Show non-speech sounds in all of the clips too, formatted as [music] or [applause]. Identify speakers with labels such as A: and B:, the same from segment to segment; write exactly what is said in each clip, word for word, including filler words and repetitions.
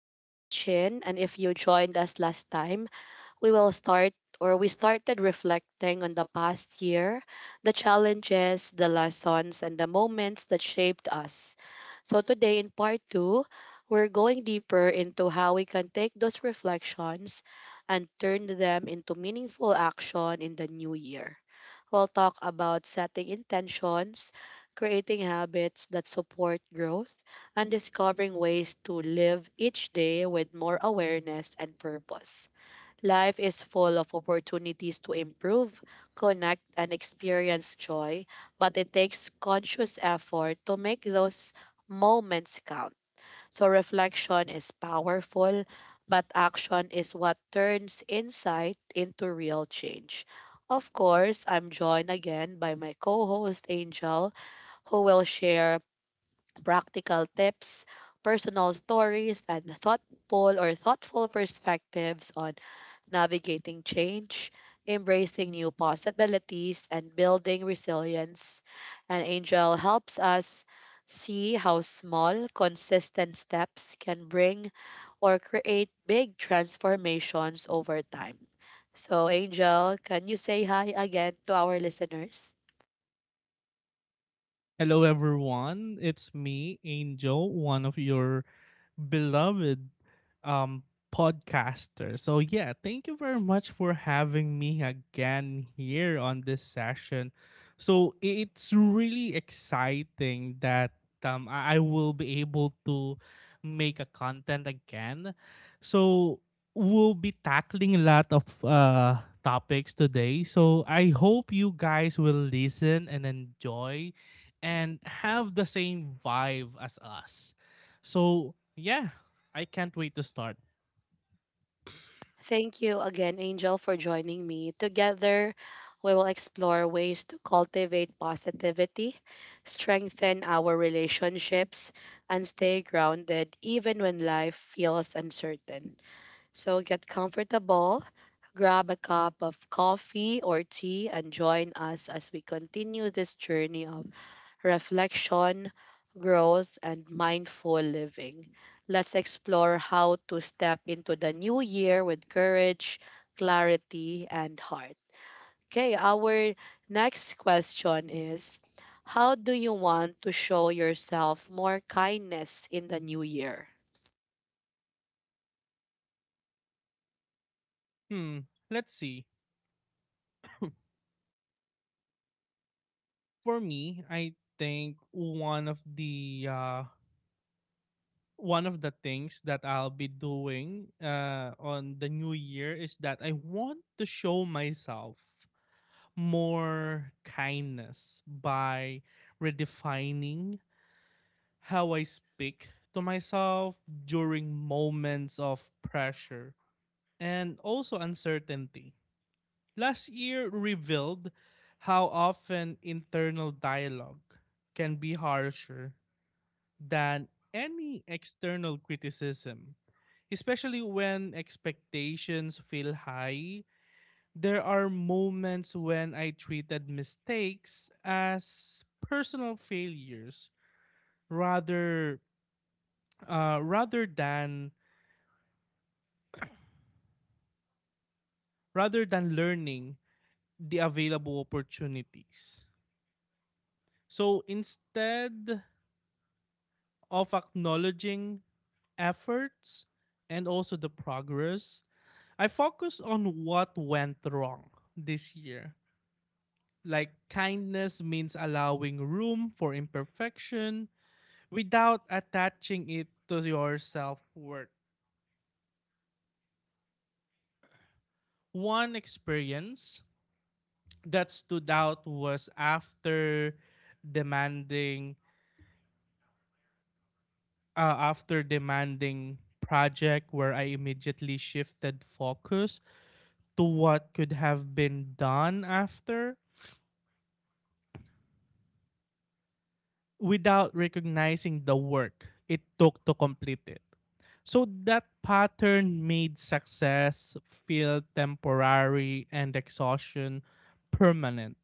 A: My name is Chin, and if you joined us last time, we will start or we started reflecting on the past year, the challenges, the lessons, and the moments that shaped us. So, today in part two, we're going deeper into how we can take those reflections and turn them into meaningful action in the new year. We'll talk about setting intentions, creating habits that support growth, and discovering ways to live each day with more awareness and purpose. Life is full of opportunities to improve, connect, and experience joy, but it takes conscious effort to make those moments count. So reflection is powerful, but action is what turns insight into real change. Of course, I'm joined again by my co host Angel, who will share practical tips, personal stories, and thoughtful or thoughtful perspectives on navigating change, embracing new possibilities, and building resilience. And Angel helps us see how small, consistent steps can bring or create big transformations over time. So, Angel, can you say hi again to our listeners?
B: Hello, everyone. It's me, Angel, one of your beloved um, podcasters. So, yeah, thank you very much for having me again here on this session. So, i- it's really exciting that um, I I will be able to make a content again. So, we'll be tackling a lot of uh, topics today. So, I hope you guys will listen and enjoy and have the same vibe as us. So, yeah, I can't wait to start.
A: Thank you again, Angel, for joining me. Together, we will explore ways to cultivate positivity, strengthen our relationships, and stay grounded even when life feels uncertain. So get comfortable, grab a cup of coffee or tea, and join us as we continue this journey of reflection, growth, and mindful living. Let's explore how to step into the new year with courage, clarity, and heart. Okay, our next question is, how do you want to show yourself more kindness in the new year?
B: Hmm, let's see. For me, I think one of the uh one of the things that I'll be doing uh on the new year is that I want to show myself more kindness by redefining how I speak to myself during moments of pressure and also uncertainty. Last year revealed how often internal dialogue can be harsher than any external criticism, especially when expectations feel high. There are moments when I treated mistakes as personal failures rather uh, rather than rather than learning the available opportunities. So instead of acknowledging efforts and also the progress, I focus on what went wrong this year. Like kindness means allowing room for imperfection without attaching it to your self worth. One experience that stood out was after demanding uh, after demanding project where I immediately shifted focus to what could have been done after without recognizing the work it took to complete it. So that pattern made success feel temporary and exhaustion permanent.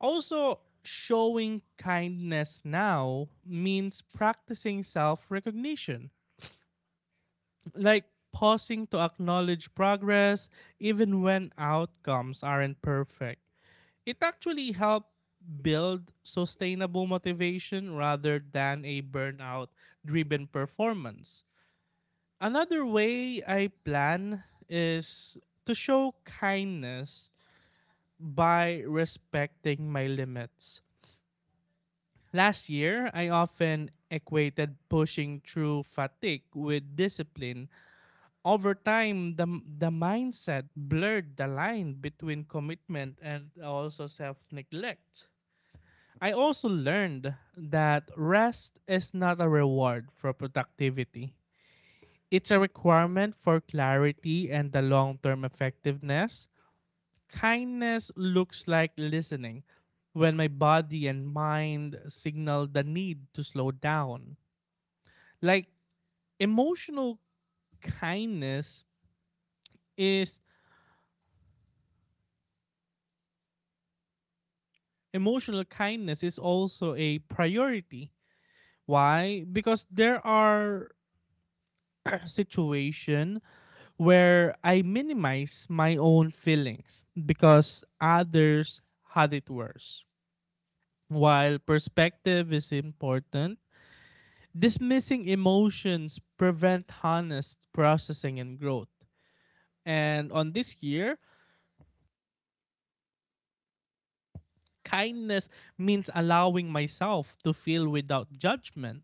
B: Also, showing kindness now means practicing self recognition, like pausing to acknowledge progress even when outcomes aren't perfect. It actually helped build sustainable motivation rather than a burnout driven performance. Another way I plan is to show kindness by respecting my limits. Last year, I often equated pushing through fatigue with discipline. Over time, the, the mindset blurred the line between commitment and also self neglect. I also learned that rest is not a reward for productivity. It's a requirement for clarity and the long term effectiveness. Kindness looks like listening when my body and mind signal the need to slow down. Like emotional kindness is emotional kindness is also a priority. Why? Because there are situation where I minimize my own feelings because others had it worse. While perspective is important, dismissing emotions prevent honest processing and growth. And on this year, kindness means allowing myself to feel without judgment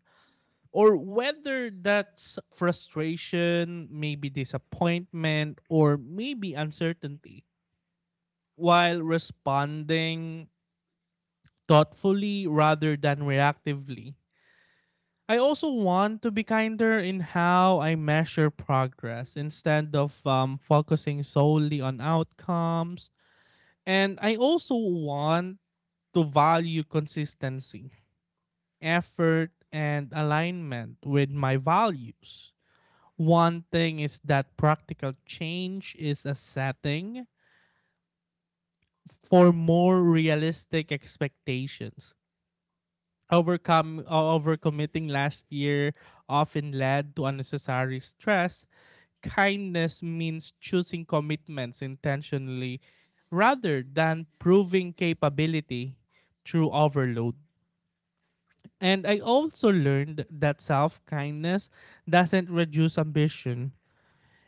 B: or whether that's frustration, maybe disappointment or maybe uncertainty while responding thoughtfully rather than reactively. I also want to be kinder in how I measure progress instead of um, focusing solely on outcomes. And I also want to value consistency, effort, and alignment with my values. One thing is that practical change is a setting for more realistic expectations. Overcome o- overcommitting last year often led to unnecessary stress. Kindness means choosing commitments intentionally rather than proving capability through overload. And I also learned that self-kindness doesn't reduce ambition.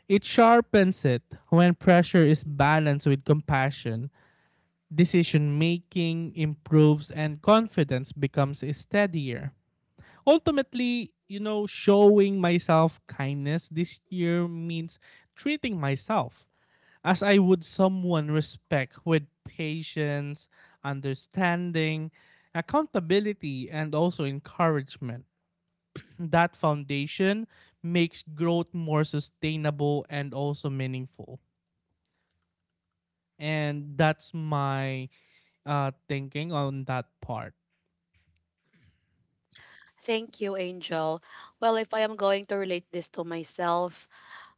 B: It sharpens it when pressure is balanced with compassion. Decision making improves and confidence becomes steadier. Ultimately, you know, showing myself kindness this year means treating myself as I would someone respect with patience, understanding, accountability, and also encouragement. That foundation makes growth more sustainable and also meaningful. And that's my uh, thinking on that part.
A: Thank you, Angel. Well, if I am going to relate this to myself,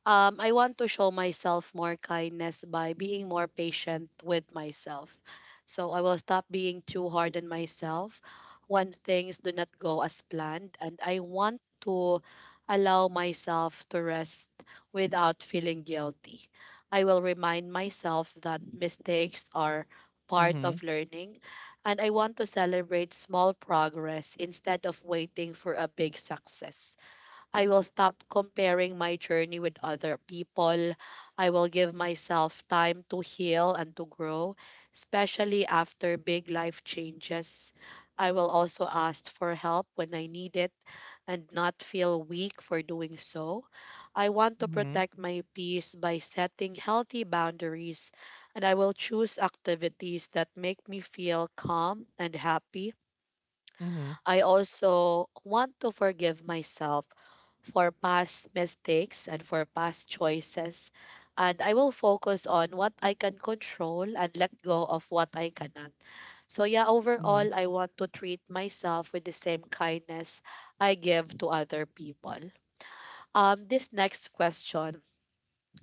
A: Um, I want to show myself more kindness by being more patient with myself. So I will stop being too hard on myself when things do not go as planned. And I want to allow myself to rest without feeling guilty. I will remind myself that mistakes are part
B: Mm-hmm,
A: of learning. And I want to celebrate small progress instead of waiting for a big success. I will stop comparing my journey with other people. I will give myself time to heal and to grow, especially after big life changes. I will also ask for help when I need it and not feel weak for doing so. I want to
B: mm-hmm,
A: protect my peace by setting healthy boundaries, and I will choose activities that make me feel calm and happy.
B: mm-hmm,
A: I also want to forgive myself for past mistakes and for past choices. And I will focus on what I can control and let go of what I cannot. So, yeah,
B: mm-hmm,
A: overall, I want to treat myself with the same kindness I give to other people. Um, this next question,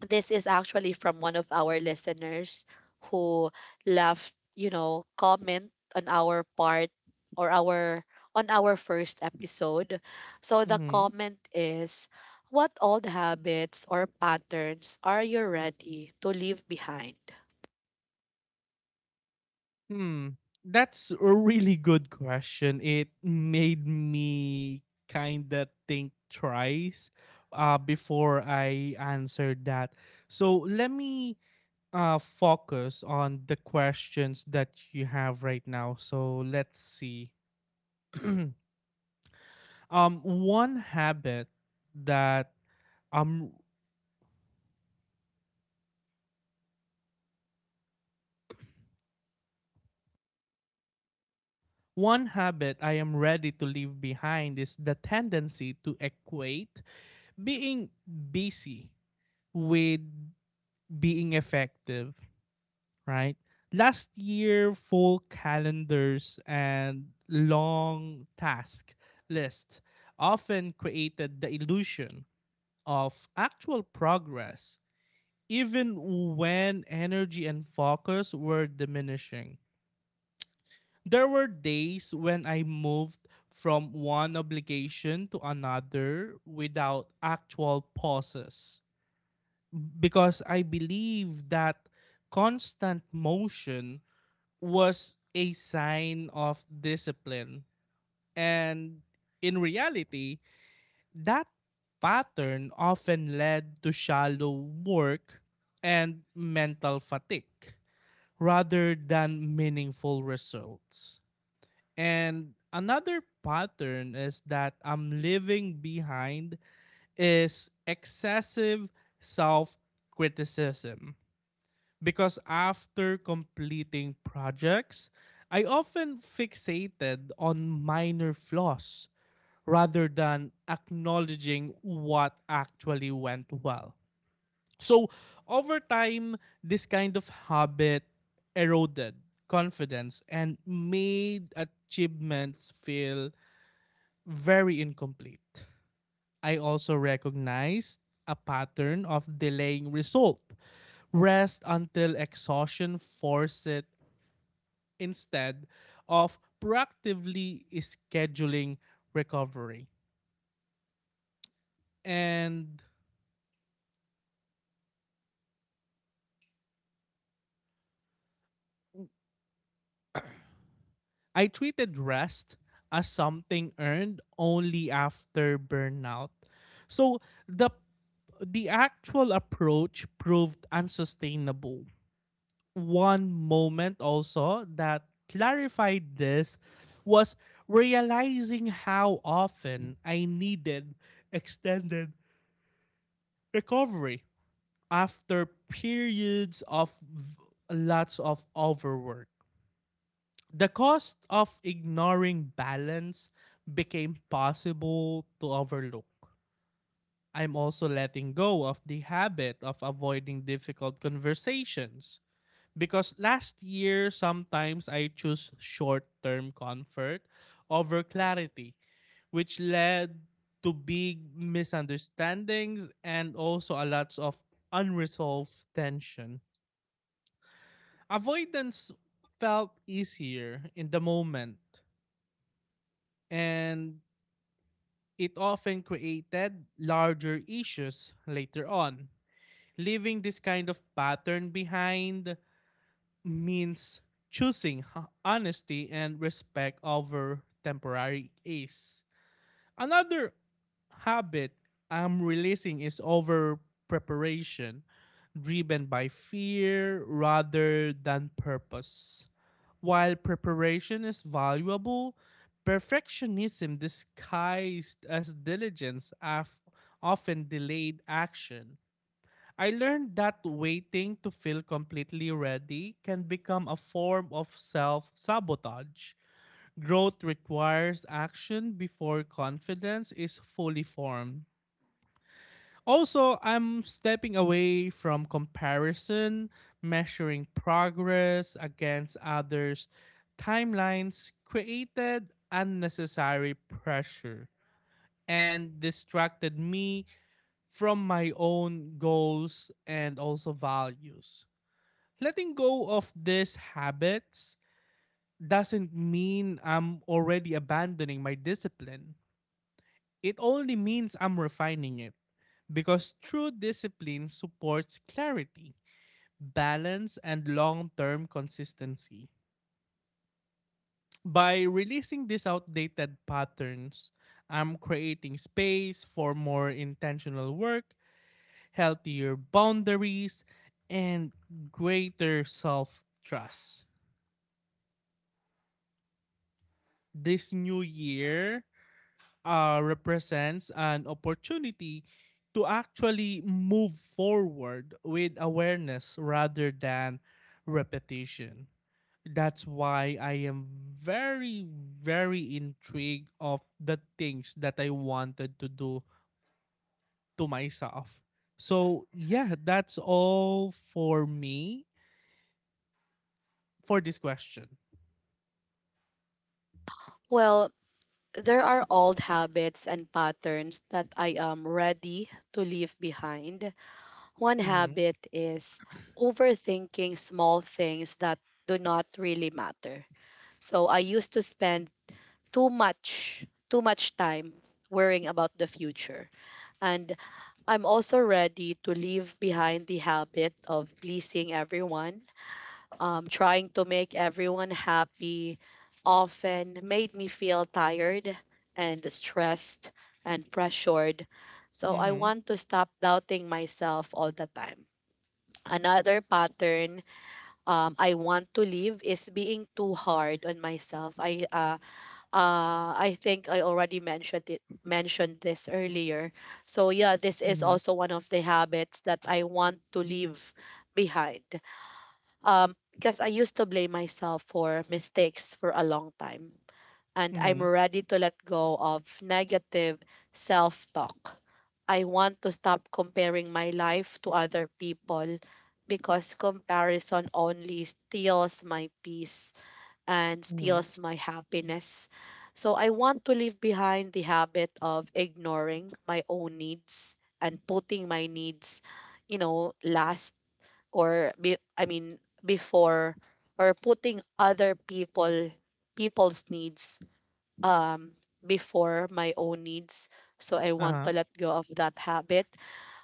A: this is actually from one of our listeners who left, you know comment on our part or our on our first episode. So the
B: mm-hmm.
A: comment is, what old habits or patterns are you ready to leave behind?
B: Hmm. That's a really good question. It made me kind of think twice uh, before I answered that. So let me uh, focus on the questions that you have right now. So let's see. [clears throat] um, one habit that um, one habit I am ready to leave behind is the tendency to equate being busy with being effective, right? Last year, full calendars and long task lists often created the illusion of actual progress, even when energy and focus were diminishing. There were days when I moved from one obligation to another without actual pauses because I believe that constant motion was a sign of discipline. And in reality, that pattern often led to shallow work and mental fatigue rather than meaningful results. And another pattern is that I'm leaving behind is excessive self criticism because after completing projects, I often fixated on minor flaws rather than acknowledging what actually went well. So, over time, this kind of habit eroded confidence and made achievements feel very incomplete. I also recognized a pattern of delaying result. Rest until exhaustion forced it instead of proactively scheduling recovery. And I treated rest as something earned only after burnout. So the the actual approach proved unsustainable. One moment also that clarified this was realizing how often I needed extended recovery after periods of v- lots of overwork. The cost of ignoring balance became possible to overlook. I'm also letting go of the habit of avoiding difficult conversations because last year sometimes I choose short-term comfort over clarity, which led to big misunderstandings and also a lots of unresolved tension. Avoidance felt easier in the moment, and it often created larger issues later on. Leaving this kind of pattern behind means choosing honesty and respect over temporary ease. Another habit I'm releasing is over preparation, driven by fear rather than purpose. While preparation is valuable, perfectionism disguised as diligence af- often delayed action. I learned that waiting to feel completely ready can become a form of self sabotage. Growth requires action before confidence is fully formed. Also, I'm stepping away from comparison, measuring progress against others' timelines created unnecessary pressure and distracted me from my own goals and also values. Letting go of these habits doesn't mean I'm already abandoning my discipline. It only means I'm refining it because true discipline supports clarity, balance, and long term consistency. By releasing these outdated patterns, I'm creating space for more intentional work, healthier boundaries, and greater self trust. This new year, uh, represents an opportunity to actually move forward with awareness rather than repetition. That's why I am very, very intrigued of the things that I wanted to do to myself. So yeah, that's all for me for this question.
A: Well, there are old habits and patterns that I am ready to leave behind. One
B: Mm-hmm.
A: habit is overthinking small things that do not really matter. So I used to spend too much, too much time worrying about the future. And I'm also ready to leave behind the habit of pleasing everyone. Um, trying to make everyone happy often made me feel tired and stressed and pressured. So I
B: Mm-hmm.
A: want to stop doubting myself all the time. Another pattern um, I want to leave is being too hard on myself. I uh, uh, I think I already mentioned it mentioned this earlier. So yeah, this is
B: Mm-hmm.
A: also one of the habits that I want to leave behind. Um, because I used to blame myself for mistakes for a long time, and I'm
B: Mm-hmm.
A: ready to let go of negative self-talk. I want to stop comparing my life to other people because comparison only steals my peace and
B: Mm-hmm.
A: steals my happiness. So I want to leave behind the habit of ignoring my own needs and putting my needs, you know, last or be, I mean before, or putting other people people's needs um before my own needs. So I want
B: Uh-huh.
A: to let go of that habit.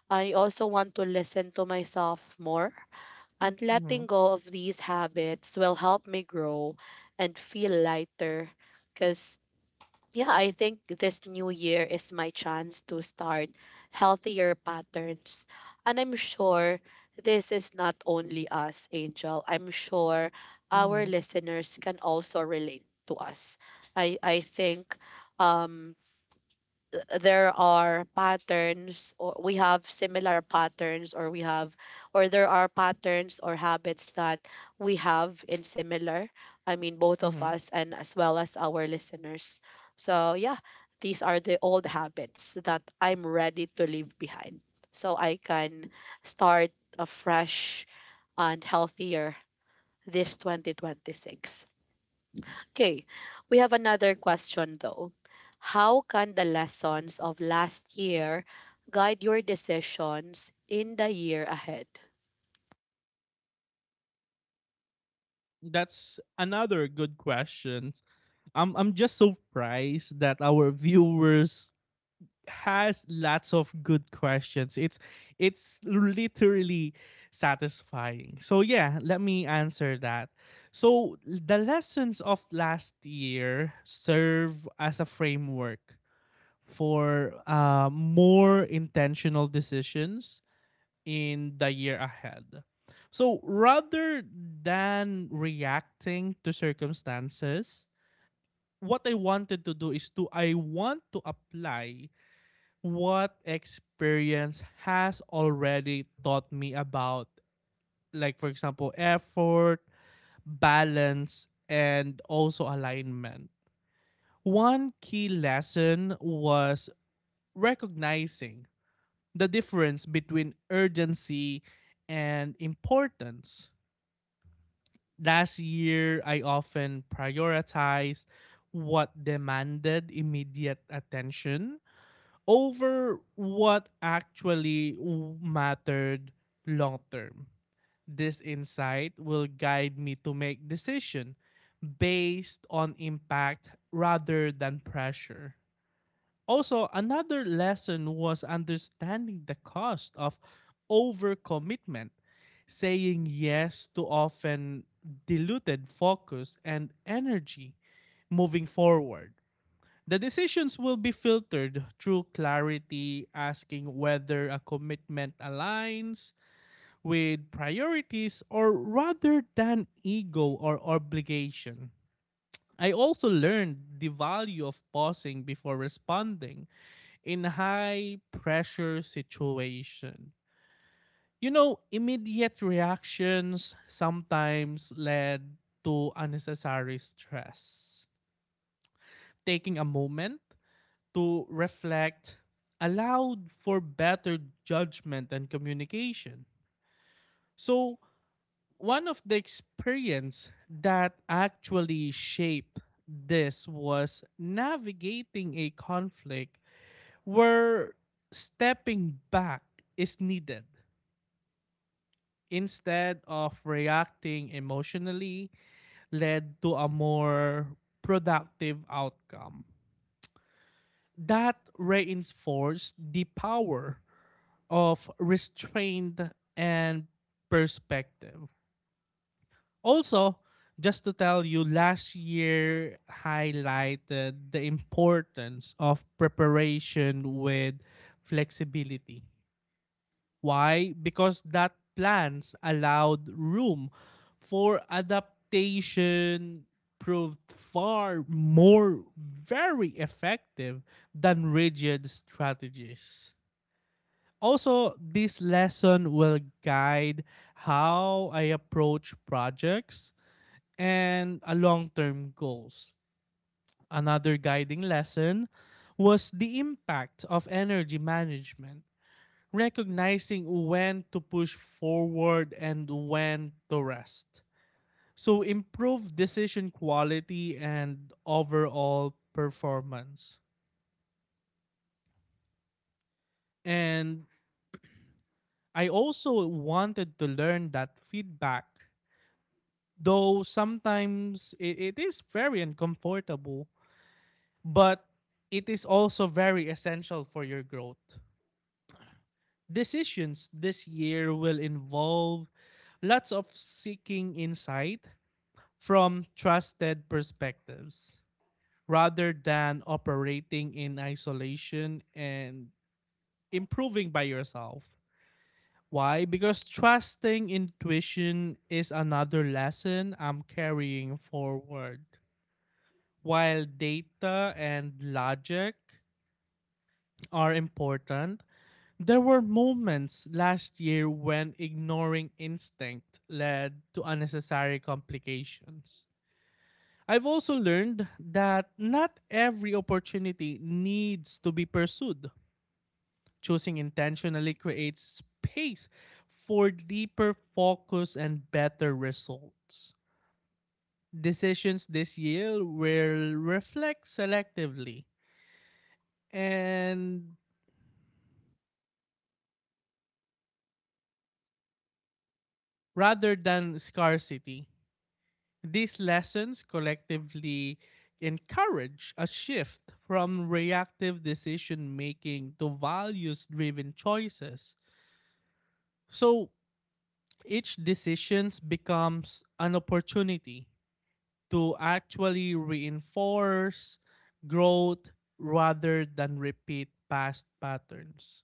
A: I also want to listen to myself more, and
B: Mm-hmm.
A: letting go of these habits will help me grow and feel lighter. Because, yeah, I think this new year is my chance to start healthier patterns. And I'm sure this is not only us, Angel. I'm sure our
B: Mm-hmm.
A: listeners can also relate to us. I, I think um, there are patterns or we have similar patterns, or we have or there are patterns or habits that we have in similar, I mean, both of
B: Mm-hmm.
A: us and as well as our listeners. So yeah, these are the old habits that I'm ready to leave behind, so I can start afresh and healthier this twenty twenty-six. Okay, we have another question though. How can the lessons of last year guide your decisions in the year ahead?
B: That's another good question. I'm I'm just so surprised that our viewers has lots of good questions. It's it's literally satisfying. So yeah, let me answer that. So the lessons of last year serve as a framework for uh, more intentional decisions in the year ahead. So rather than reacting to circumstances, what I wanted to do is to I want to apply what experience has already taught me about, like for example, effort, balance and also alignment. One key lesson was recognizing the difference between urgency and importance. Last year, I often prioritized what demanded immediate attention over what actually mattered long term. This insight will guide me to make decisions based on impact rather than pressure. Also, another lesson was understanding the cost of overcommitment, saying yes to often diluted focus and energy moving forward. The decisions will be filtered through clarity, asking whether a commitment aligns with priorities or rather than ego or obligation. I also learned the value of pausing before responding in high pressure situation. You know, immediate reactions sometimes led to unnecessary stress. Taking a moment to reflect allowed for better judgment and communication. So, one of the experience that actually shaped this was navigating a conflict where stepping back is needed instead of reacting emotionally led to a more productive outcome. That reinforced the power of restraint and perspective. Also, just to tell you, last year highlighted the importance of preparation with flexibility. Why? Because that plans allowed room for adaptation proved far more very effective than rigid strategies. Also, this lesson will guide how I approach projects and a long-term goals. Another guiding lesson was the impact of energy management recognizing when to push forward and when to rest. So improve decision quality and overall performance. And I also wanted to learn that feedback, though sometimes it, it is very uncomfortable, but it is also very essential for your growth. Decisions this year will involve lots of seeking insight from trusted perspectives rather than operating in isolation and improving by yourself. Why? Because trusting intuition is another lesson I'm carrying forward. While data and logic are important, there were moments last year when ignoring instinct led to unnecessary complications. I've also learned that not every opportunity needs to be pursued. Choosing intentionally creates space for deeper focus and better results. Decisions this year will reflect selectively and rather than scarcity. These lessons collectively encourage a shift from reactive decision making to values driven choices. So, each decisions becomes an opportunity to actually reinforce growth rather than repeat past patterns.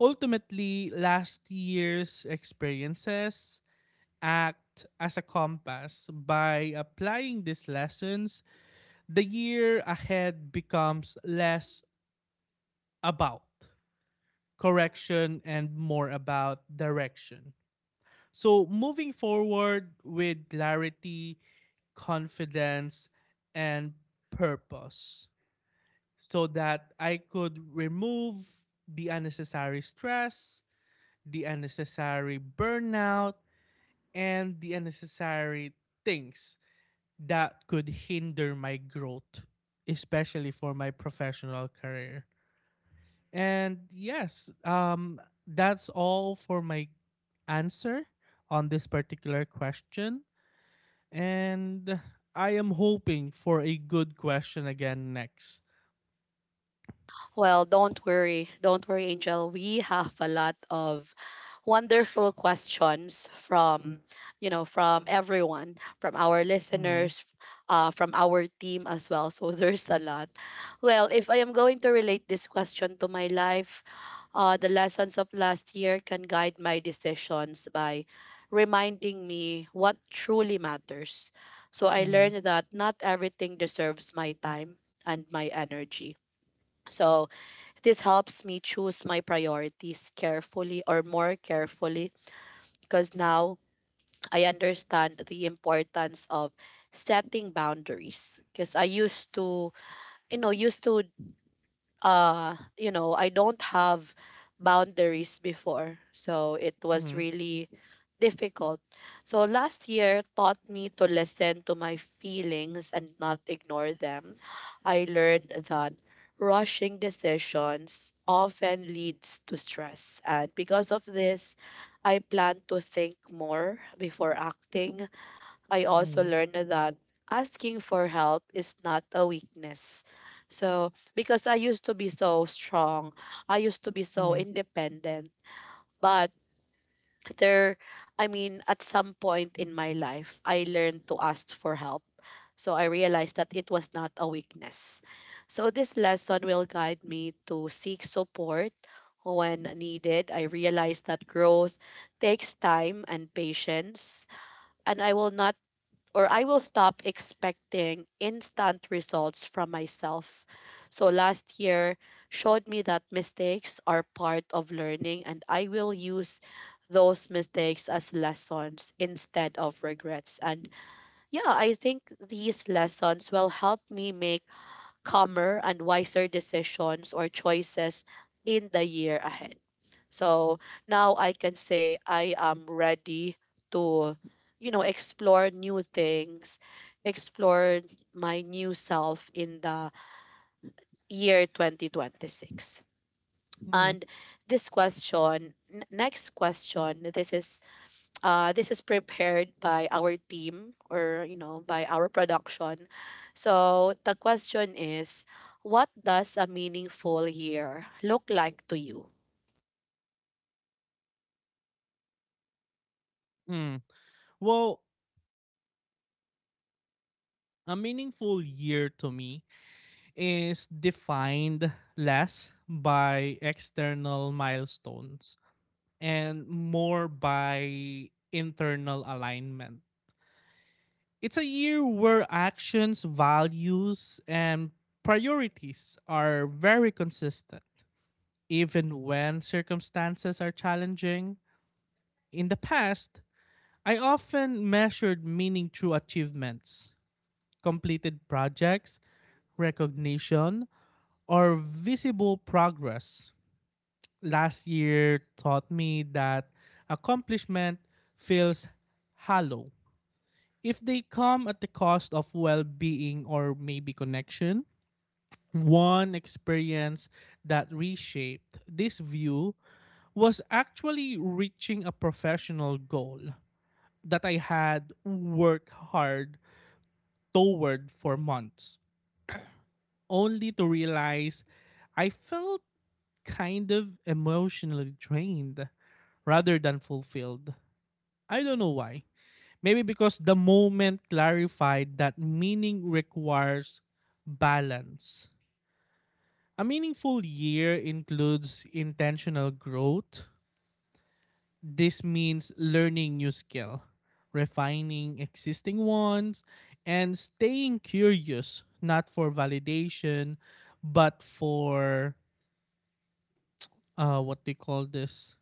B: Ultimately, last year's experiences act as a compass. By applying these lessons, the year ahead becomes less about correction and more about direction. So, moving forward with clarity, confidence, and purpose so that I could remove the unnecessary stress, the unnecessary burnout, and the unnecessary things that could hinder my growth, especially for my professional career. And yes, um, that's all for my answer on this particular question. And I am hoping for a good question again next.
A: Well, don't worry. Don't worry, Angel. We have a lot of wonderful questions from, you know, from everyone, from our
B: Mm-hmm.
A: listeners, uh, from our team as well. So [laughs] there's a lot. Well, if I am going to relate this question to my life, uh, the lessons of last year can guide my decisions by reminding me what truly matters. So I
B: Mm-hmm.
A: learned that not everything deserves my time and my energy. So this helps me choose my priorities carefully or more carefully, because now I understand the importance of setting boundaries, because I used to, you know used to uh you know I don't have boundaries before, so it was
B: Mm-hmm.
A: really difficult. So last year taught me to listen to my feelings and not ignore them. I learned that rushing decisions often leads to stress, and because of this, I plan to think more before acting. I also
B: Mm-hmm.
A: learned that asking for help is not a weakness. So, because I used to be so strong, I used to be so
B: Mm-hmm.
A: independent, but there, I mean, at some point in my life, I learned to ask for help. So, I realized that it was not a weakness. So, this lesson will guide me to seek support when needed. I realized that growth takes time and patience, and I will not or I will stop expecting instant results from myself. So last year showed me that mistakes are part of learning, and I will use those mistakes as lessons instead of regrets. And yeah, I think these lessons will help me make calmer and wiser decisions or choices in the year ahead. So now I can say I am ready to, you know, explore new things, explore my new self in the year twenty twenty-six.
B: Mm-hmm.
A: And this question, n- next question, this is uh, this is prepared by our team or, you know, by our production. So the question is, what does a meaningful year look like to you?
B: Mm. Well, a meaningful year to me is defined less by external milestones and more by internal alignment. It's a year where actions, values, and priorities are very consistent, even when circumstances are challenging. In the past, I often measured meaning through achievements, completed projects, recognition, or visible progress. Last year taught me that accomplishment feels hollow if they come at the cost of well being or maybe connection. One experience that reshaped this view was actually reaching a professional goal that I had worked hard toward for months, [clears throat] only to realize I felt kind of emotionally drained rather than fulfilled. I don't know why. Maybe because the moment clarified that meaning requires balance. A meaningful year includes intentional growth. This means learning new skill, refining existing ones, and staying curious, not for validation, but for uh what they call this,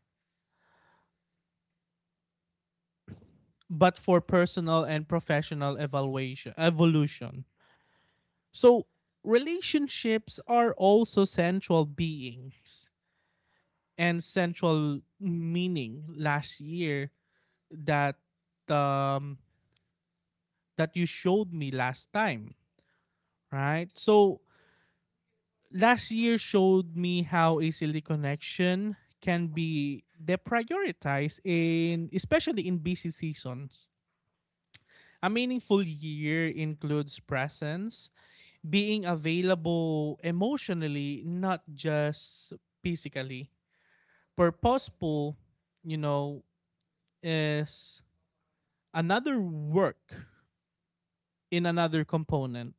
B: but for personal and professional evaluation evolution. So relationships are also central beings and central meaning last year that um that you showed me last time, right? So last year showed me how a silly connection can be deprioritized in especially in busy seasons. A meaningful year includes presence, being available emotionally, not just physically. Purposeful, you know, is another work in another component.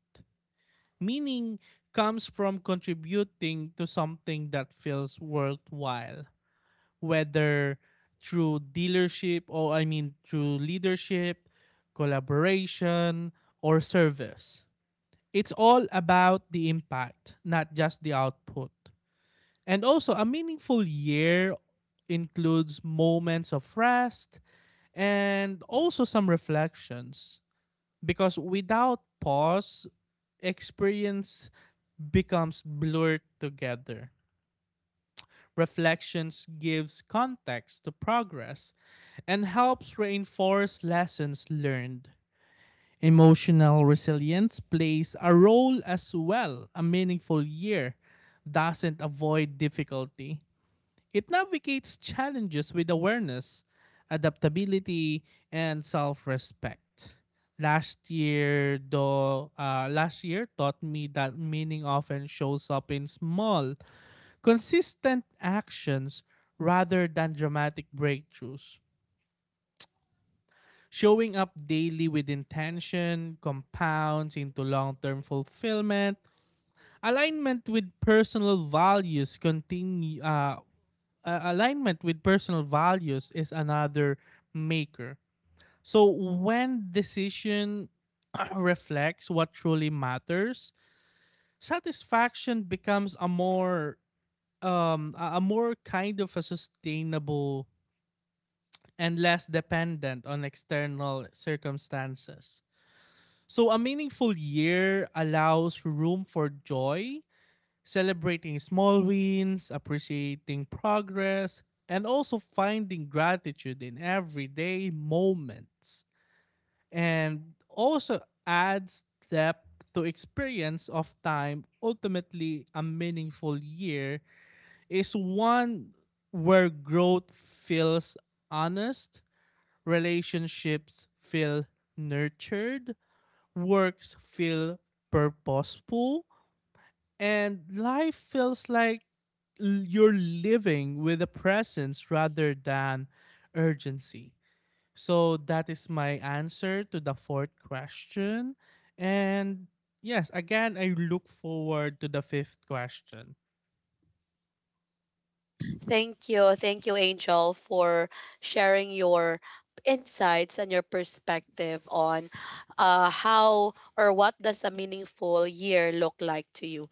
B: Meaning comes from contributing to something that feels worthwhile, whether through dealership or I mean through leadership, collaboration, or service. It's all about the impact, not just the output. And also, a meaningful year includes moments of rest and also some reflections because without pause, experience becomes blurred together. Reflections gives context to progress and helps reinforce lessons learned. Emotional resilience plays a role as well. A meaningful year doesn't avoid difficulty. It navigates challenges with awareness, adaptability, and self-respect. Last year, though, uh, last year taught me that meaning often shows up in small, consistent actions rather than dramatic breakthroughs. Showing up daily with intention compounds into long term fulfillment. Alignment with personal values continue. Uh, uh, alignment with personal values is another maker. So when decision [clears throat] reflects what truly matters, satisfaction becomes a more um a a more kind of a sustainable and less dependent on external circumstances. So, a meaningful year allows room for joy, celebrating small wins, appreciating progress, and also finding gratitude in everyday moments. And also adds depth to experience of time. Ultimately, a meaningful year is one where growth feels honest, relationships feel nurtured, works feel purposeful, and life feels like you're living with a presence rather than urgency. So that is my answer to the fourth question. And yes, again, I look forward to the fifth question.
A: Thank you. Thank you, Angel, for sharing your insights and your perspective on uh, how or what does a meaningful year look like to you.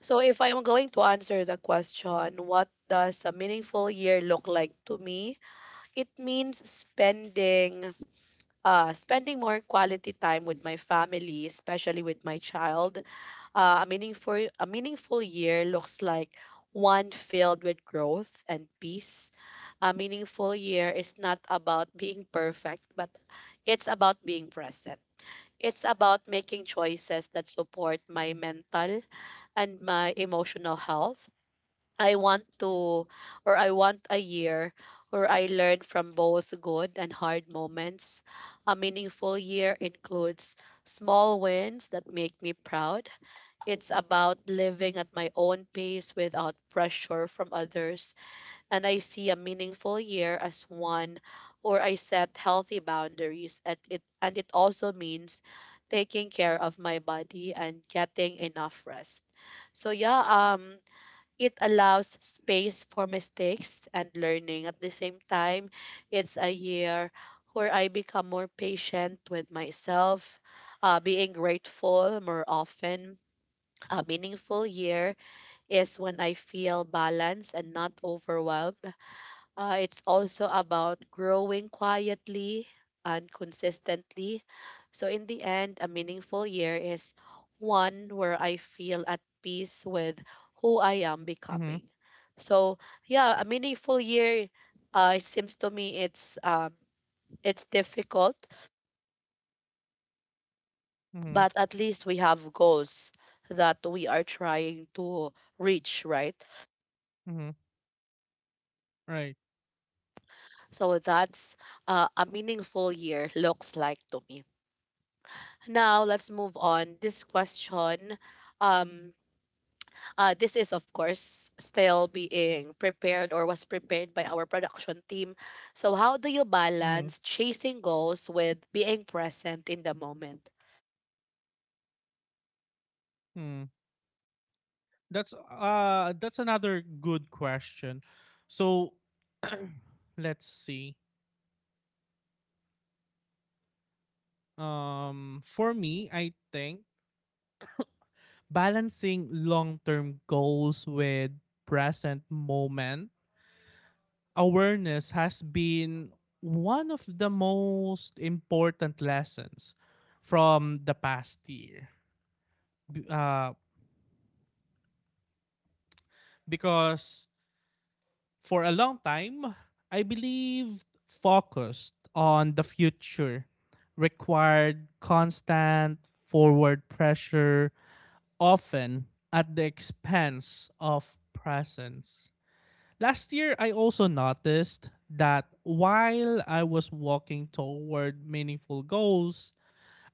A: So if I am going to answer the question, what does a meaningful year look like to me? It means spending uh, spending more quality time with my family, especially with my child. Uh, a meaningful a meaningful year looks like one filled with growth and peace. A meaningful year is not about being perfect, but it's about being present. It's about making choices that support my mental and my emotional health. I want to, or I want a year where I learn from both good and hard moments. A meaningful year includes small wins that make me proud. It's about living at my own pace without pressure from others, and I see a meaningful year as one where I set healthy boundaries, and it and it also means taking care of my body and getting enough rest. So yeah, um it allows space for mistakes and learning. At the same time, it's a year where I become more patient with myself, uh, being grateful more often. A meaningful year is when I feel balanced and not overwhelmed. Uh, it's also about growing quietly and consistently. So, in the end, a meaningful year is one where I feel at peace with who I am
B: Mm-hmm.
A: becoming. So, yeah, a meaningful year. Uh, it seems to me it's um, it's difficult,
B: Mm-hmm.
A: but at least we have goals that we are trying to reach, right?
B: Mm-hmm. Right.
A: So that's uh, a meaningful year looks like to me. Now let's move on. This question, um, uh, this is of course still being prepared or was prepared by our production team. So how do you
B: Mm-hmm.
A: balance chasing goals with being present in the moment?
B: Mm-hmm. That's uh that's another good question. So [clears throat] let's see. Um for me, I think balancing long-term goals with present moment awareness has been one of the most important lessons from the past year. B- Uh because for a long time, I believed focused on the future required constant forward pressure, often at the expense of presence. Last year, I also noticed that while I was walking toward meaningful goals,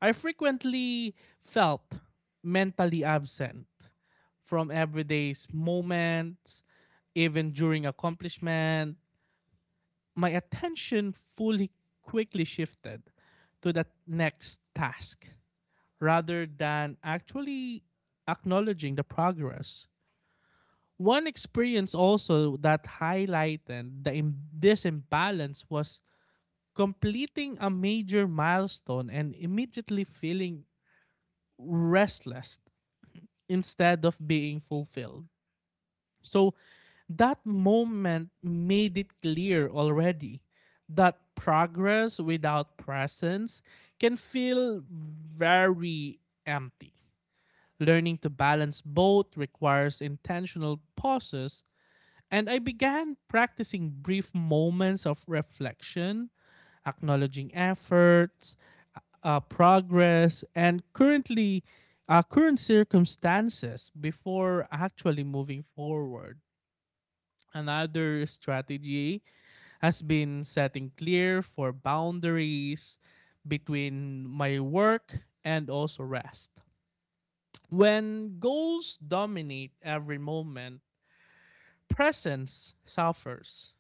B: I frequently felt mentally absent from everyday's moments, even during accomplishment, my attention fully quickly shifted to that next task rather than actually acknowledging the progress. One experience also that highlighted the Im- this imbalance was completing a major milestone and immediately feeling restless instead of being fulfilled. So that moment made it clear already that progress without presence can feel very empty. Learning to balance both requires intentional pauses, and I began practicing brief moments of reflection, acknowledging efforts, uh, uh, progress, and currently uh, current circumstances before actually moving forward. Another strategy has been setting clear for boundaries between my work and also rest. When goals dominate every moment, presence suffers.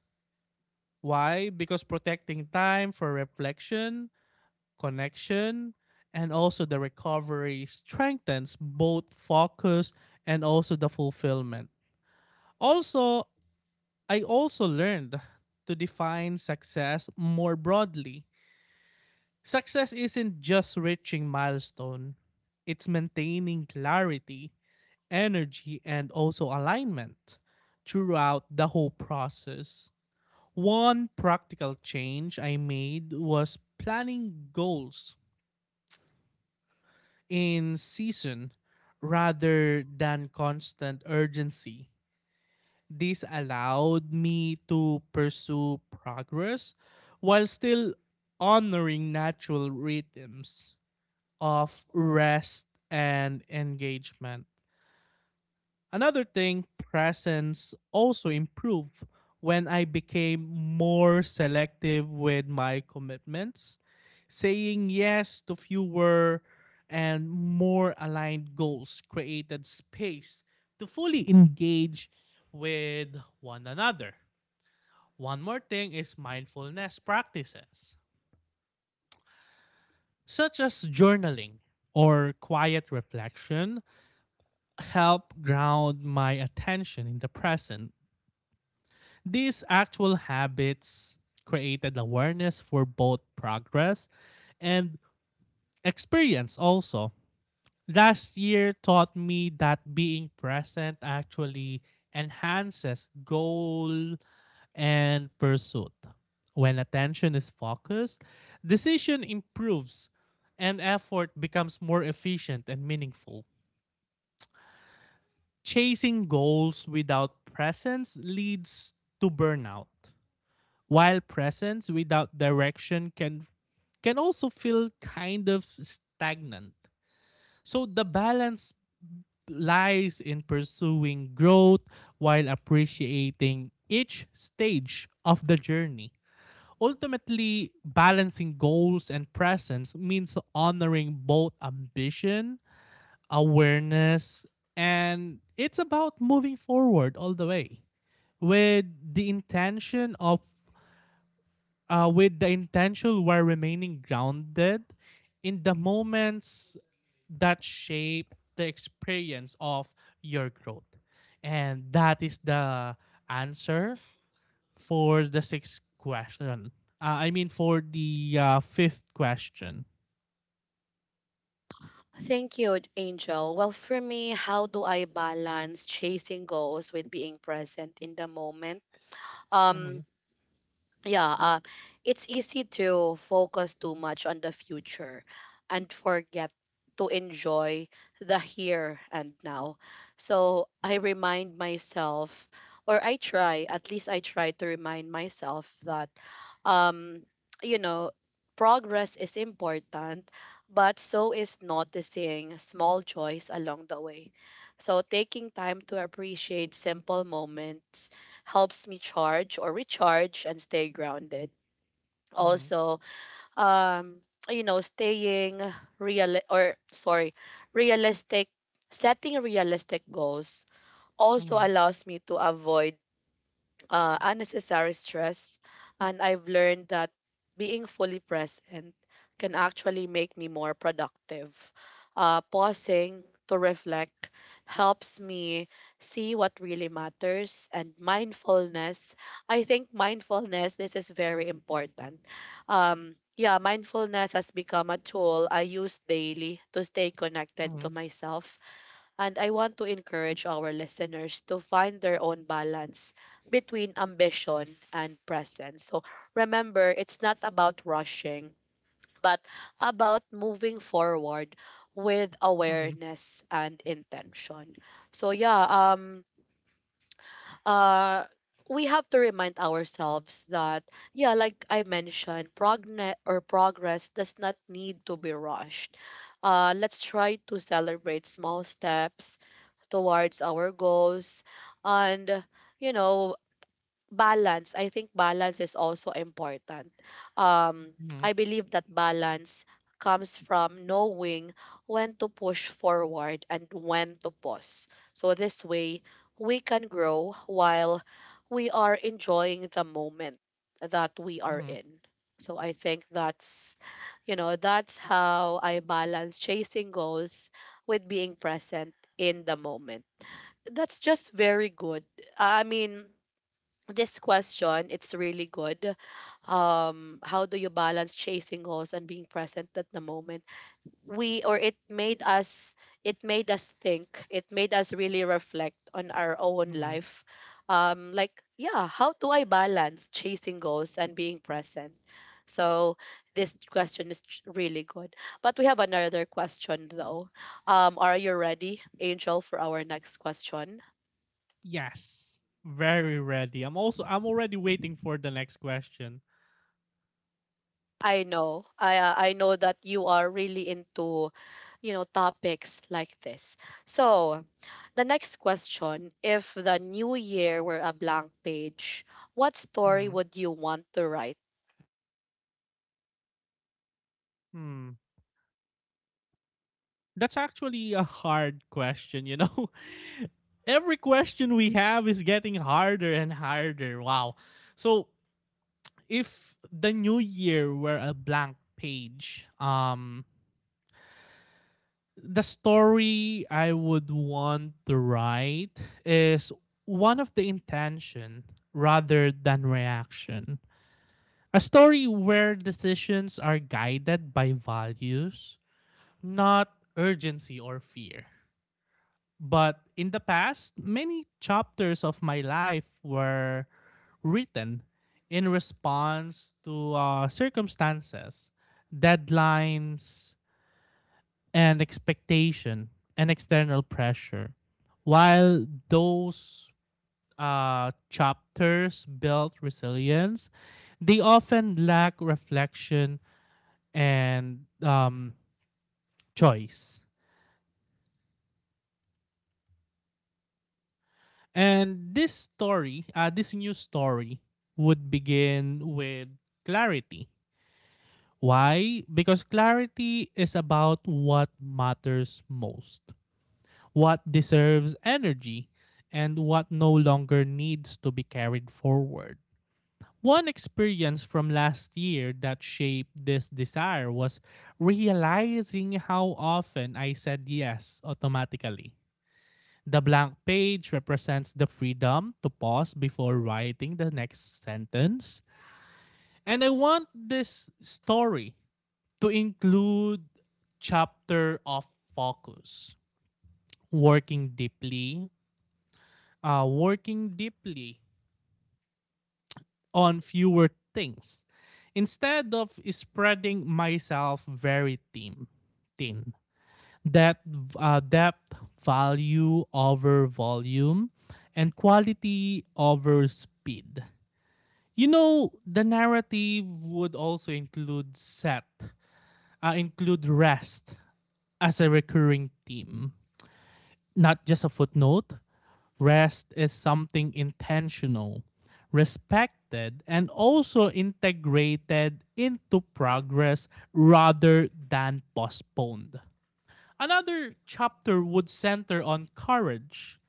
B: Why? Because protecting time for reflection, connection, and also the recovery strengthens both focus and also the fulfillment. Also, I also learned to define success more broadly. Success isn't just reaching milestone, it's maintaining clarity, energy, and also alignment throughout the whole process. One practical change I made was planning goals in season rather than constant urgency. This allowed me to pursue progress while still honoring natural rhythms of rest and engagement. Another thing, presence also improved when I became more selective with my commitments, saying yes to fewer and more aligned goals created space to fully engage with one another. One more thing is mindfulness practices, such as journaling or quiet reflection, help ground my attention in the present. These actual habits created awareness for both progress and experience also. Last year taught me that being present actually enhances goal and pursuit. When attention is focused, decision improves and effort becomes more efficient and meaningful. Chasing goals without presence leads to burnout, while presence without direction can can also feel kind of stagnant. So the balance lies in pursuing growth while appreciating each stage of the journey. Ultimately, balancing goals and presence means honoring both ambition, awareness, and it's about moving forward all the way with the intention of uh, with the intention while remaining grounded in the moments that shape the experience of your growth, and that is the answer for the sixth question. Uh, I mean, for the uh, fifth question.
A: Thank you, Angel. Well, for me, how do I balance chasing goals with being present in the moment?
B: Mm-hmm,
A: Um, yeah, uh, it's easy to focus too much on the future and forget to enjoy the here and now. So I remind myself, or I try, at least I try to remind myself that um, you know, progress is important, but so is noticing small joys along the way. So taking time to appreciate simple moments helps me charge or recharge and stay grounded.
B: mm-hmm,
A: Also, um, you know, staying real or sorry, realistic, setting realistic goals also allows me to avoid uh, unnecessary stress, and I've learned that being fully present can actually make me more productive. Uh, pausing to reflect helps me see what really matters, and mindfulness. I think mindfulness, this is very important. Um, yeah, mindfulness has become a tool I use daily to stay connected
B: mm-hmm,
A: to myself, and I want to encourage our listeners to find their own balance between ambition and presence. So remember, it's not about rushing, but about moving forward with
B: mm-hmm, mm-hmm,
A: awareness and intention. So yeah, um uh we have to remind ourselves that, yeah, like I mentioned, progne- or progress does not need to be rushed. Uh, let's try to celebrate small steps towards our goals, and, you know, balance, I think balance is also important. um
B: mm-hmm,
A: I believe that balance comes from knowing when to push forward and when to pause. So this way we can grow while we are enjoying the moment that we are
B: mm-hmm,
A: in. So I think that's, you know, that's how I balance chasing goals with being present in the moment. That's just very good. I mean, this question, it's really good. Um, how do you balance chasing goals and being present at the moment? We or It made us, it made us think. It made us really reflect on our own
B: mm-hmm.
A: life. Um, like, yeah, how do I balance chasing goals and being present? So this question is ch- really good. But we have another question though. Um, are you ready, Angel, for our next question?
B: Yes, very ready. I'm also I'm already waiting for the next question.
A: I know. I, uh, I know that you are really into, you know, topics like this. So, the next question, if the new year were a blank page, what story
B: Mm,
A: would you want to write?
B: hmm. That's actually a hard question, you know. [laughs] Every question we have is getting harder and harder. Wow. So if the new year were a blank page, um, the story I would want to write is one of the intention rather than reaction. A story where decisions are guided by values, not urgency or fear. But in the past, many chapters of my life were written in response to uh, circumstances, deadlines, and expectation and external pressure. While those uh, chapters build resilience, they often lack reflection and um, choice. And this story, uh, this new story, would begin with clarity. Why? Because clarity is about what matters most, what deserves energy, and what no longer needs to be carried forward. One experience from last year that shaped this desire was realizing how often I said yes automatically. The blank page represents the freedom to pause before writing the next sentence. And I want this story to include chapter of focus, working deeply uh, working deeply on fewer things instead of spreading myself very thin. thin. That uh, depth, value over volume, and quality over speed. You know, the narrative would also include set, uh, include rest as a recurring theme, not just a footnote. Rest is something intentional, respected, and also integrated into progress rather than postponed. Another chapter would center on courage,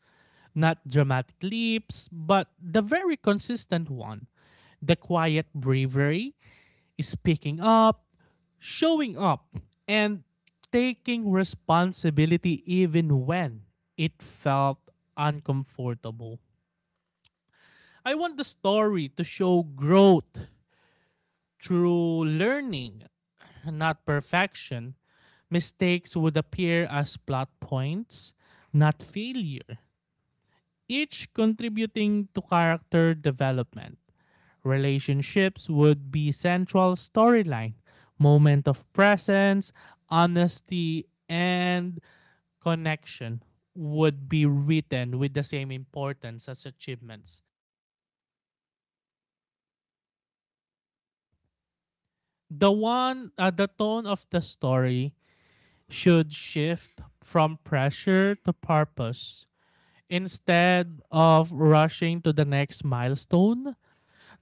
B: not dramatic leaps, but the very consistent one, the quiet bravery, speaking up, showing up, and taking responsibility even when it felt uncomfortable. I want the story to show growth through learning, not perfection. Mistakes would appear as plot points, not failure, each contributing to character development. Relationships would be central storyline, moment of presence, honesty, and connection would be written with the same importance as achievements. The one uh, the tone of the story should shift from pressure to purpose. Instead of rushing to the next milestone,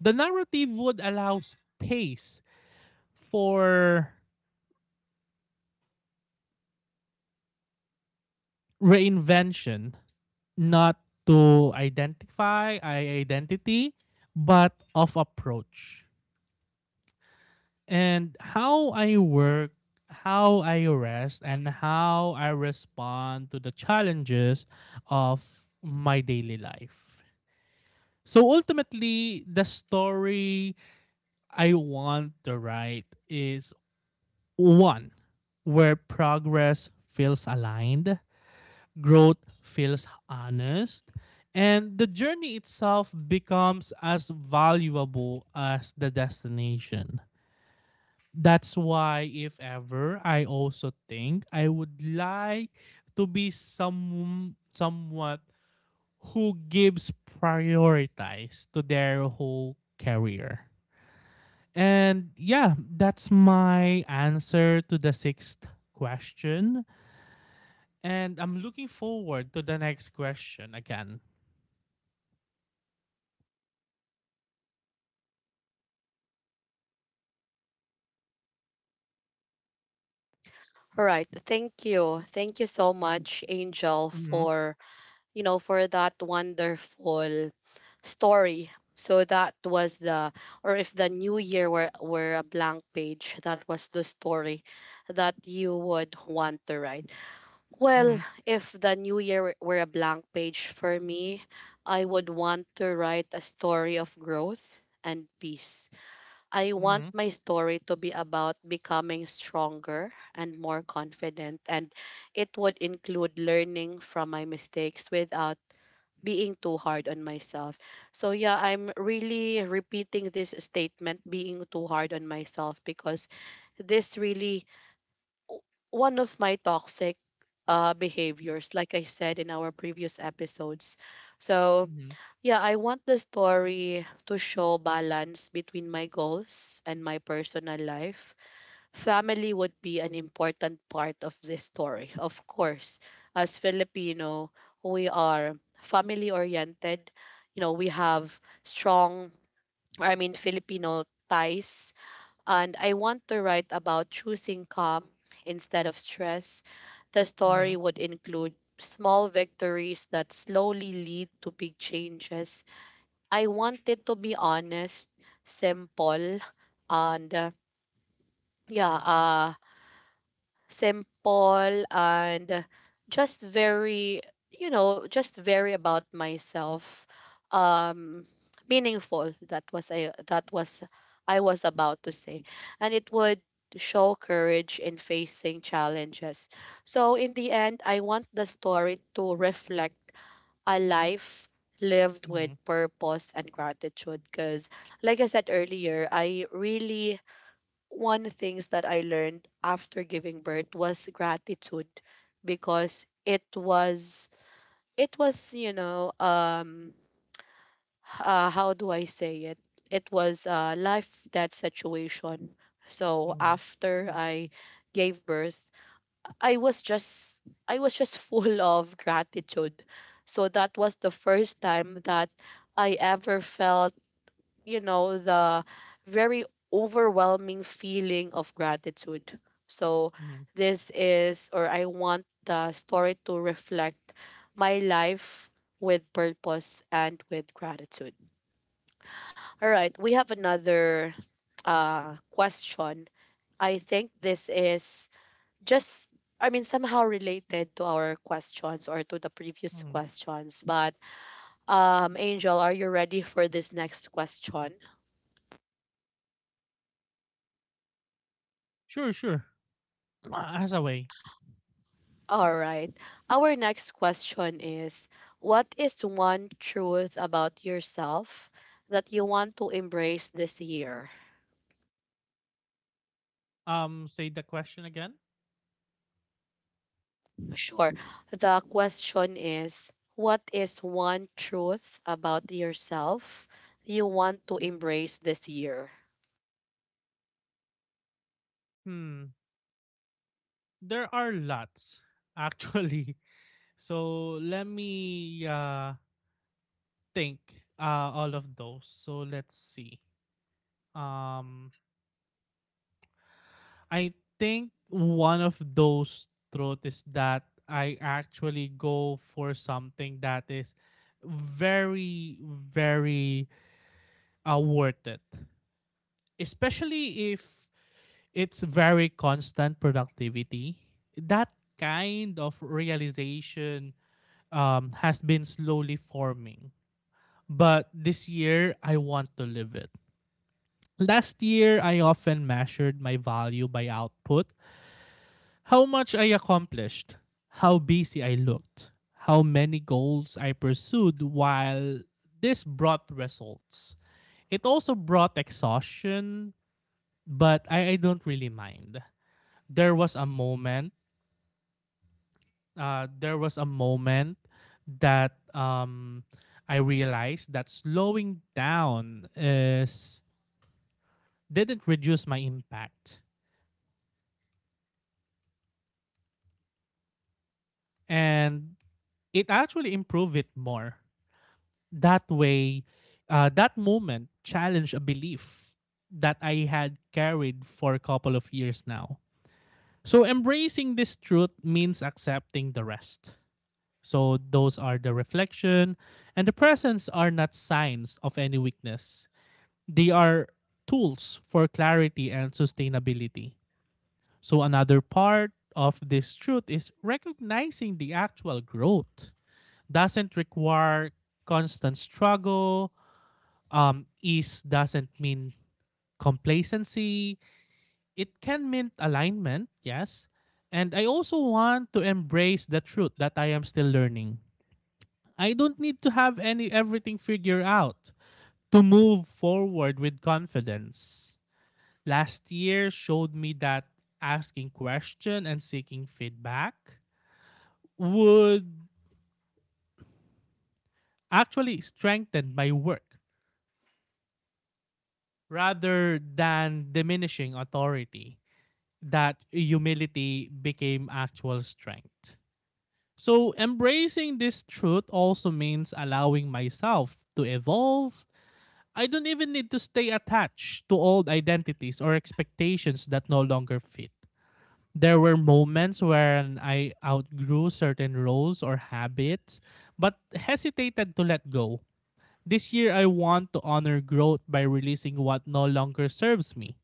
B: the narrative would allow space for reinvention, not to identify i- identity but of approach, and how I work, how I rest, and how I respond to the challenges of my daily life. So ultimately, the story I want to write is one where progress feels aligned, growth feels honest, and the journey itself becomes as valuable as the destination. That's why if ever I also think I would like to be some somewhat who gives prioritize to their whole career. And yeah, that's my answer to the sixth question. And I'm looking forward to the next question again.
A: All right, thank you. Thank you so much, Angel,
B: Mm-hmm,
A: for, you know, for that wonderful story. So that was the, or if the new year were were a blank page, that was the story that you would want to write.
B: mm-hmm,
A: Well, if the new year were were a blank page for me, I would want to write a story of growth and peace. I want
B: mm-hmm,
A: my story to be about becoming stronger and more confident, and it would include learning from my mistakes without being too hard on myself. So, yeah, I'm really repeating this statement being too hard on myself because this really o- one of my toxic uh, behaviors, like I said in our previous episodes. So,
B: mm-hmm,
A: yeah, I want the story to show balance between my goals and my personal life. Family would be an important part of this story, of course. As Filipino, we are family oriented. You know, we have strong, I mean, Filipino ties, and I want to write about choosing calm instead of stress. The
B: mm-hmm,
A: story would include small victories that slowly lead to big changes. I want it to be honest, simple, and uh, yeah, uh, simple and just very, you know, just very about myself. um Meaningful, that was I, that was I was about to say. And it would show courage in facing challenges. So in the end, I want the story to reflect a life lived with
B: mm-hmm,
A: purpose and gratitude, because like I said earlier, I really, one things that I learned after giving birth was gratitude. Because it was, it was, you know, um uh, how do I say it, it was, uh, life that situation. So
B: mm-hmm,
A: after I gave birth, I was just, I was just full of gratitude. So that was the first time that I ever felt, you know, the very overwhelming feeling of gratitude. So,
B: mm-hmm.
A: this is, or I want the story to reflect my life with purpose and with gratitude. All right, we have another uh, question. I think this is just, I mean, somehow related to our questions or to the previous
B: Mm-hmm.
A: questions. But, um, Angel, are you ready for this next question?
B: Sure, sure. Uh, as a way.
A: All right. Our next question is, what is one truth about yourself that you want to embrace this year?
B: Um, say the question again.
A: Sure. The question is, what is one truth about yourself you want to embrace this year?
B: Hmm. There are lots, actually. [laughs] So let me uh think uh all of those. So let's see. Um I think one of those throat is that I actually go for something that is very, very uh, worth it. Especially if it's very constant productivity. That kind of realization um, has been slowly forming. But this year, I want to live it. Last year, I often measured my value by output, how much I accomplished, how busy I looked, how many goals I pursued, while this brought results. It also brought exhaustion, but I, I don't really mind. There was a moment uh, there was a moment that um, I realized that slowing down is didn't reduce my impact, and it actually improved it more. That way, uh, that moment challenged a belief that I had carried for a couple of years now. So embracing this truth means accepting the rest. So those are the reflection and the presence are not signs of any weakness. They are tools for clarity and sustainability. So, another part of this truth is recognizing the actual growth doesn't require constant struggle. Um, ease doesn't mean complacency. It can mean alignment, yes. And I also want to embrace the truth that I am still learning. I don't need to have any everything figured out to move forward with confidence. Last year showed me that asking questions and seeking feedback would actually strengthen my work rather than diminishing authority. That humility became actual strength. So embracing this truth also means allowing myself to evolve. I don't even need to stay attached to old identities or expectations that no longer fit. There were moments when I outgrew certain roles or habits, but hesitated to let go. This year, I want to honor growth by releasing what no longer serves me.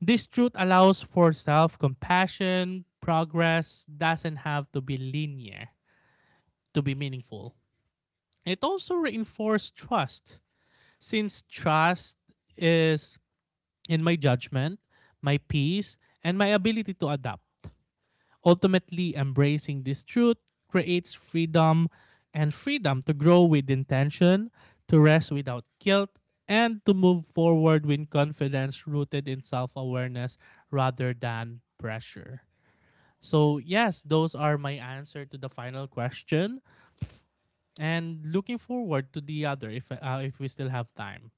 B: This truth allows for self compassion. Progress doesn't have to be linear to be meaningful. It also reinforces trust, since trust is in my judgment, my peace, and my ability to adapt. Ultimately, embracing this truth creates freedom, and freedom to grow with intention, to rest without guilt, and to move forward with confidence rooted in self awareness rather than pressure. So, yes, those are my answer to the final question and looking forward to the other if uh, if we still have time.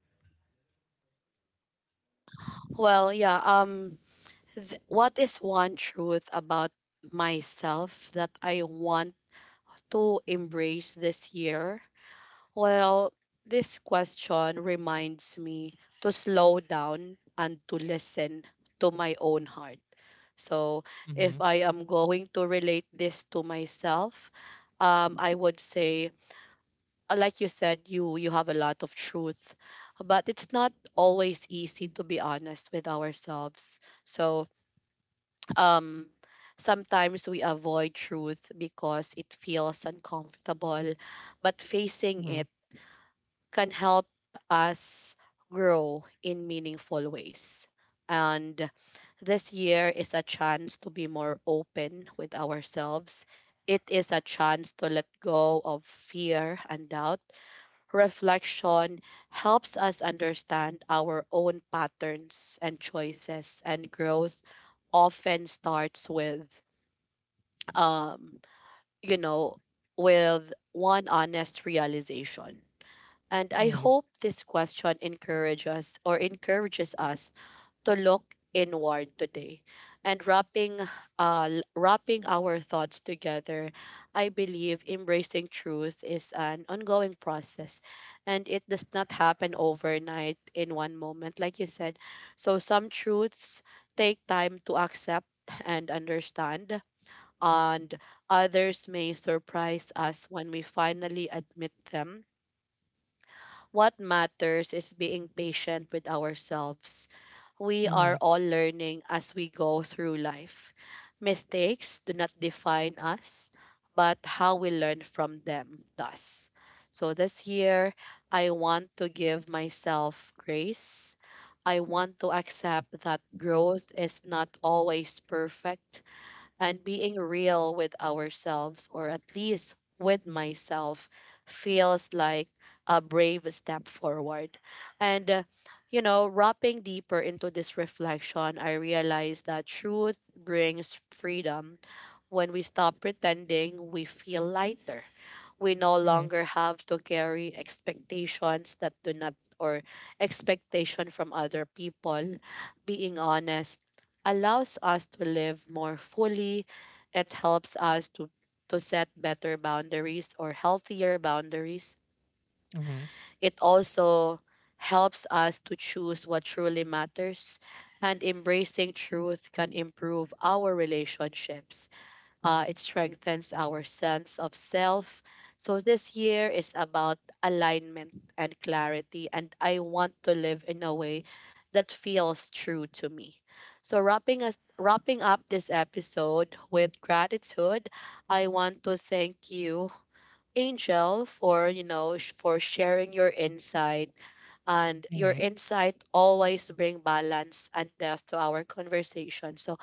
A: Well, yeah, um th- what is one truth about myself that I want to embrace this year? Well, this question reminds me to slow down and to listen to my own heart. So,
B: Mhm,
A: if I am going to relate this to myself, um, I would say, uh, like you said, you you have a lot of truth, but it's not always easy to be honest with ourselves. So, um, sometimes we avoid truth because it feels uncomfortable, but facing
B: mhm,
A: it can help us grow in meaningful ways. And this year is a chance to be more open with ourselves. It is a chance to let go of fear and doubt. Reflection helps us understand our own patterns and choices, and growth often starts with, um, you know, with one honest realization. And I
B: mhm,
A: hope this question encourages us or encourages us to look inward today. And wrapping uh l- wrapping our thoughts together, I believe embracing truth is an ongoing process, and it does not happen overnight in one moment like you said. So some truths take time to accept and understand, and others may surprise us when we finally admit them. What matters is being patient with ourselves. We are
B: mhm,
A: all learning as we go through life. Mistakes do not define us, but how we learn from them does. So this year, I want to give myself grace. I want to accept that growth is not always perfect, and being real with ourselves, or at least with myself, feels like a brave step forward. And, uh, you know, wrapping deeper into this reflection, I realized that truth brings freedom. When we stop pretending, we feel lighter, we no
B: mhm,
A: longer have to carry expectations that do not, or expectation from other people. Being honest allows us to live more fully. It helps us to to set better boundaries, or healthier boundaries.
B: mhm,
A: It also helps us to choose what truly matters, and embracing truth can improve our relationships. Uh, it strengthens our sense of self. So this year is about alignment and clarity, and I want to live in a way that feels true to me. So wrapping us wrapping up this episode with gratitude, I want to thank you, Angel, for you know, sh- for sharing your insight, and
B: mhm,
A: your
B: mhm,
A: insight always bring balance and depth to our conversation. So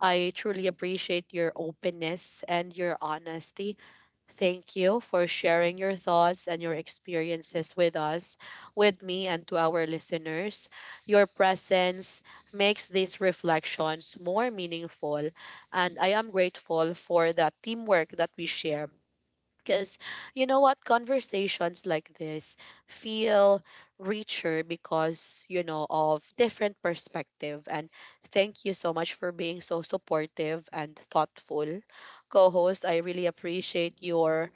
A: I truly appreciate your openness and your honesty. Thank you for sharing your thoughts and your experiences with us, with me, and to our listeners. Your presence makes these reflections more meaningful, and I am grateful for the teamwork that we share, because you know what? Conversations like this feel richer because, you know, of different perspective. And thank you so much for being so supportive and thoughtful. Co-host, I really appreciate your,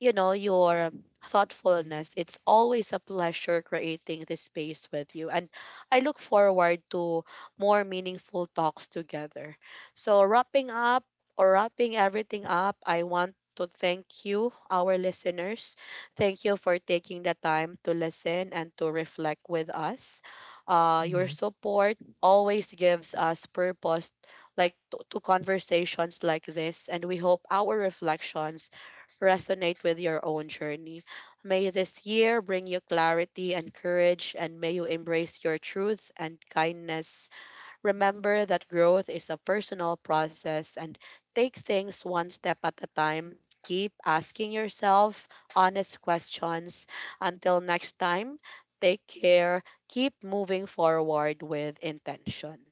A: you know, your thoughtfulness. It's always a pleasure creating this space with you. And I look forward to more meaningful talks together. So, wrapping up or wrapping everything up, I want to thank you, our listeners. Thank you for taking the time to listen and to reflect with us. Uh, your
B: mhm.
A: support always gives us purpose like to, to conversations like this, and we hope our reflections resonate with your own journey. May this year bring you clarity and courage, and may you embrace your truth and kindness. Remember that growth is a personal process, and take things one step at a time. Keep asking yourself honest questions. Until next time, take care. Keep moving forward with intention.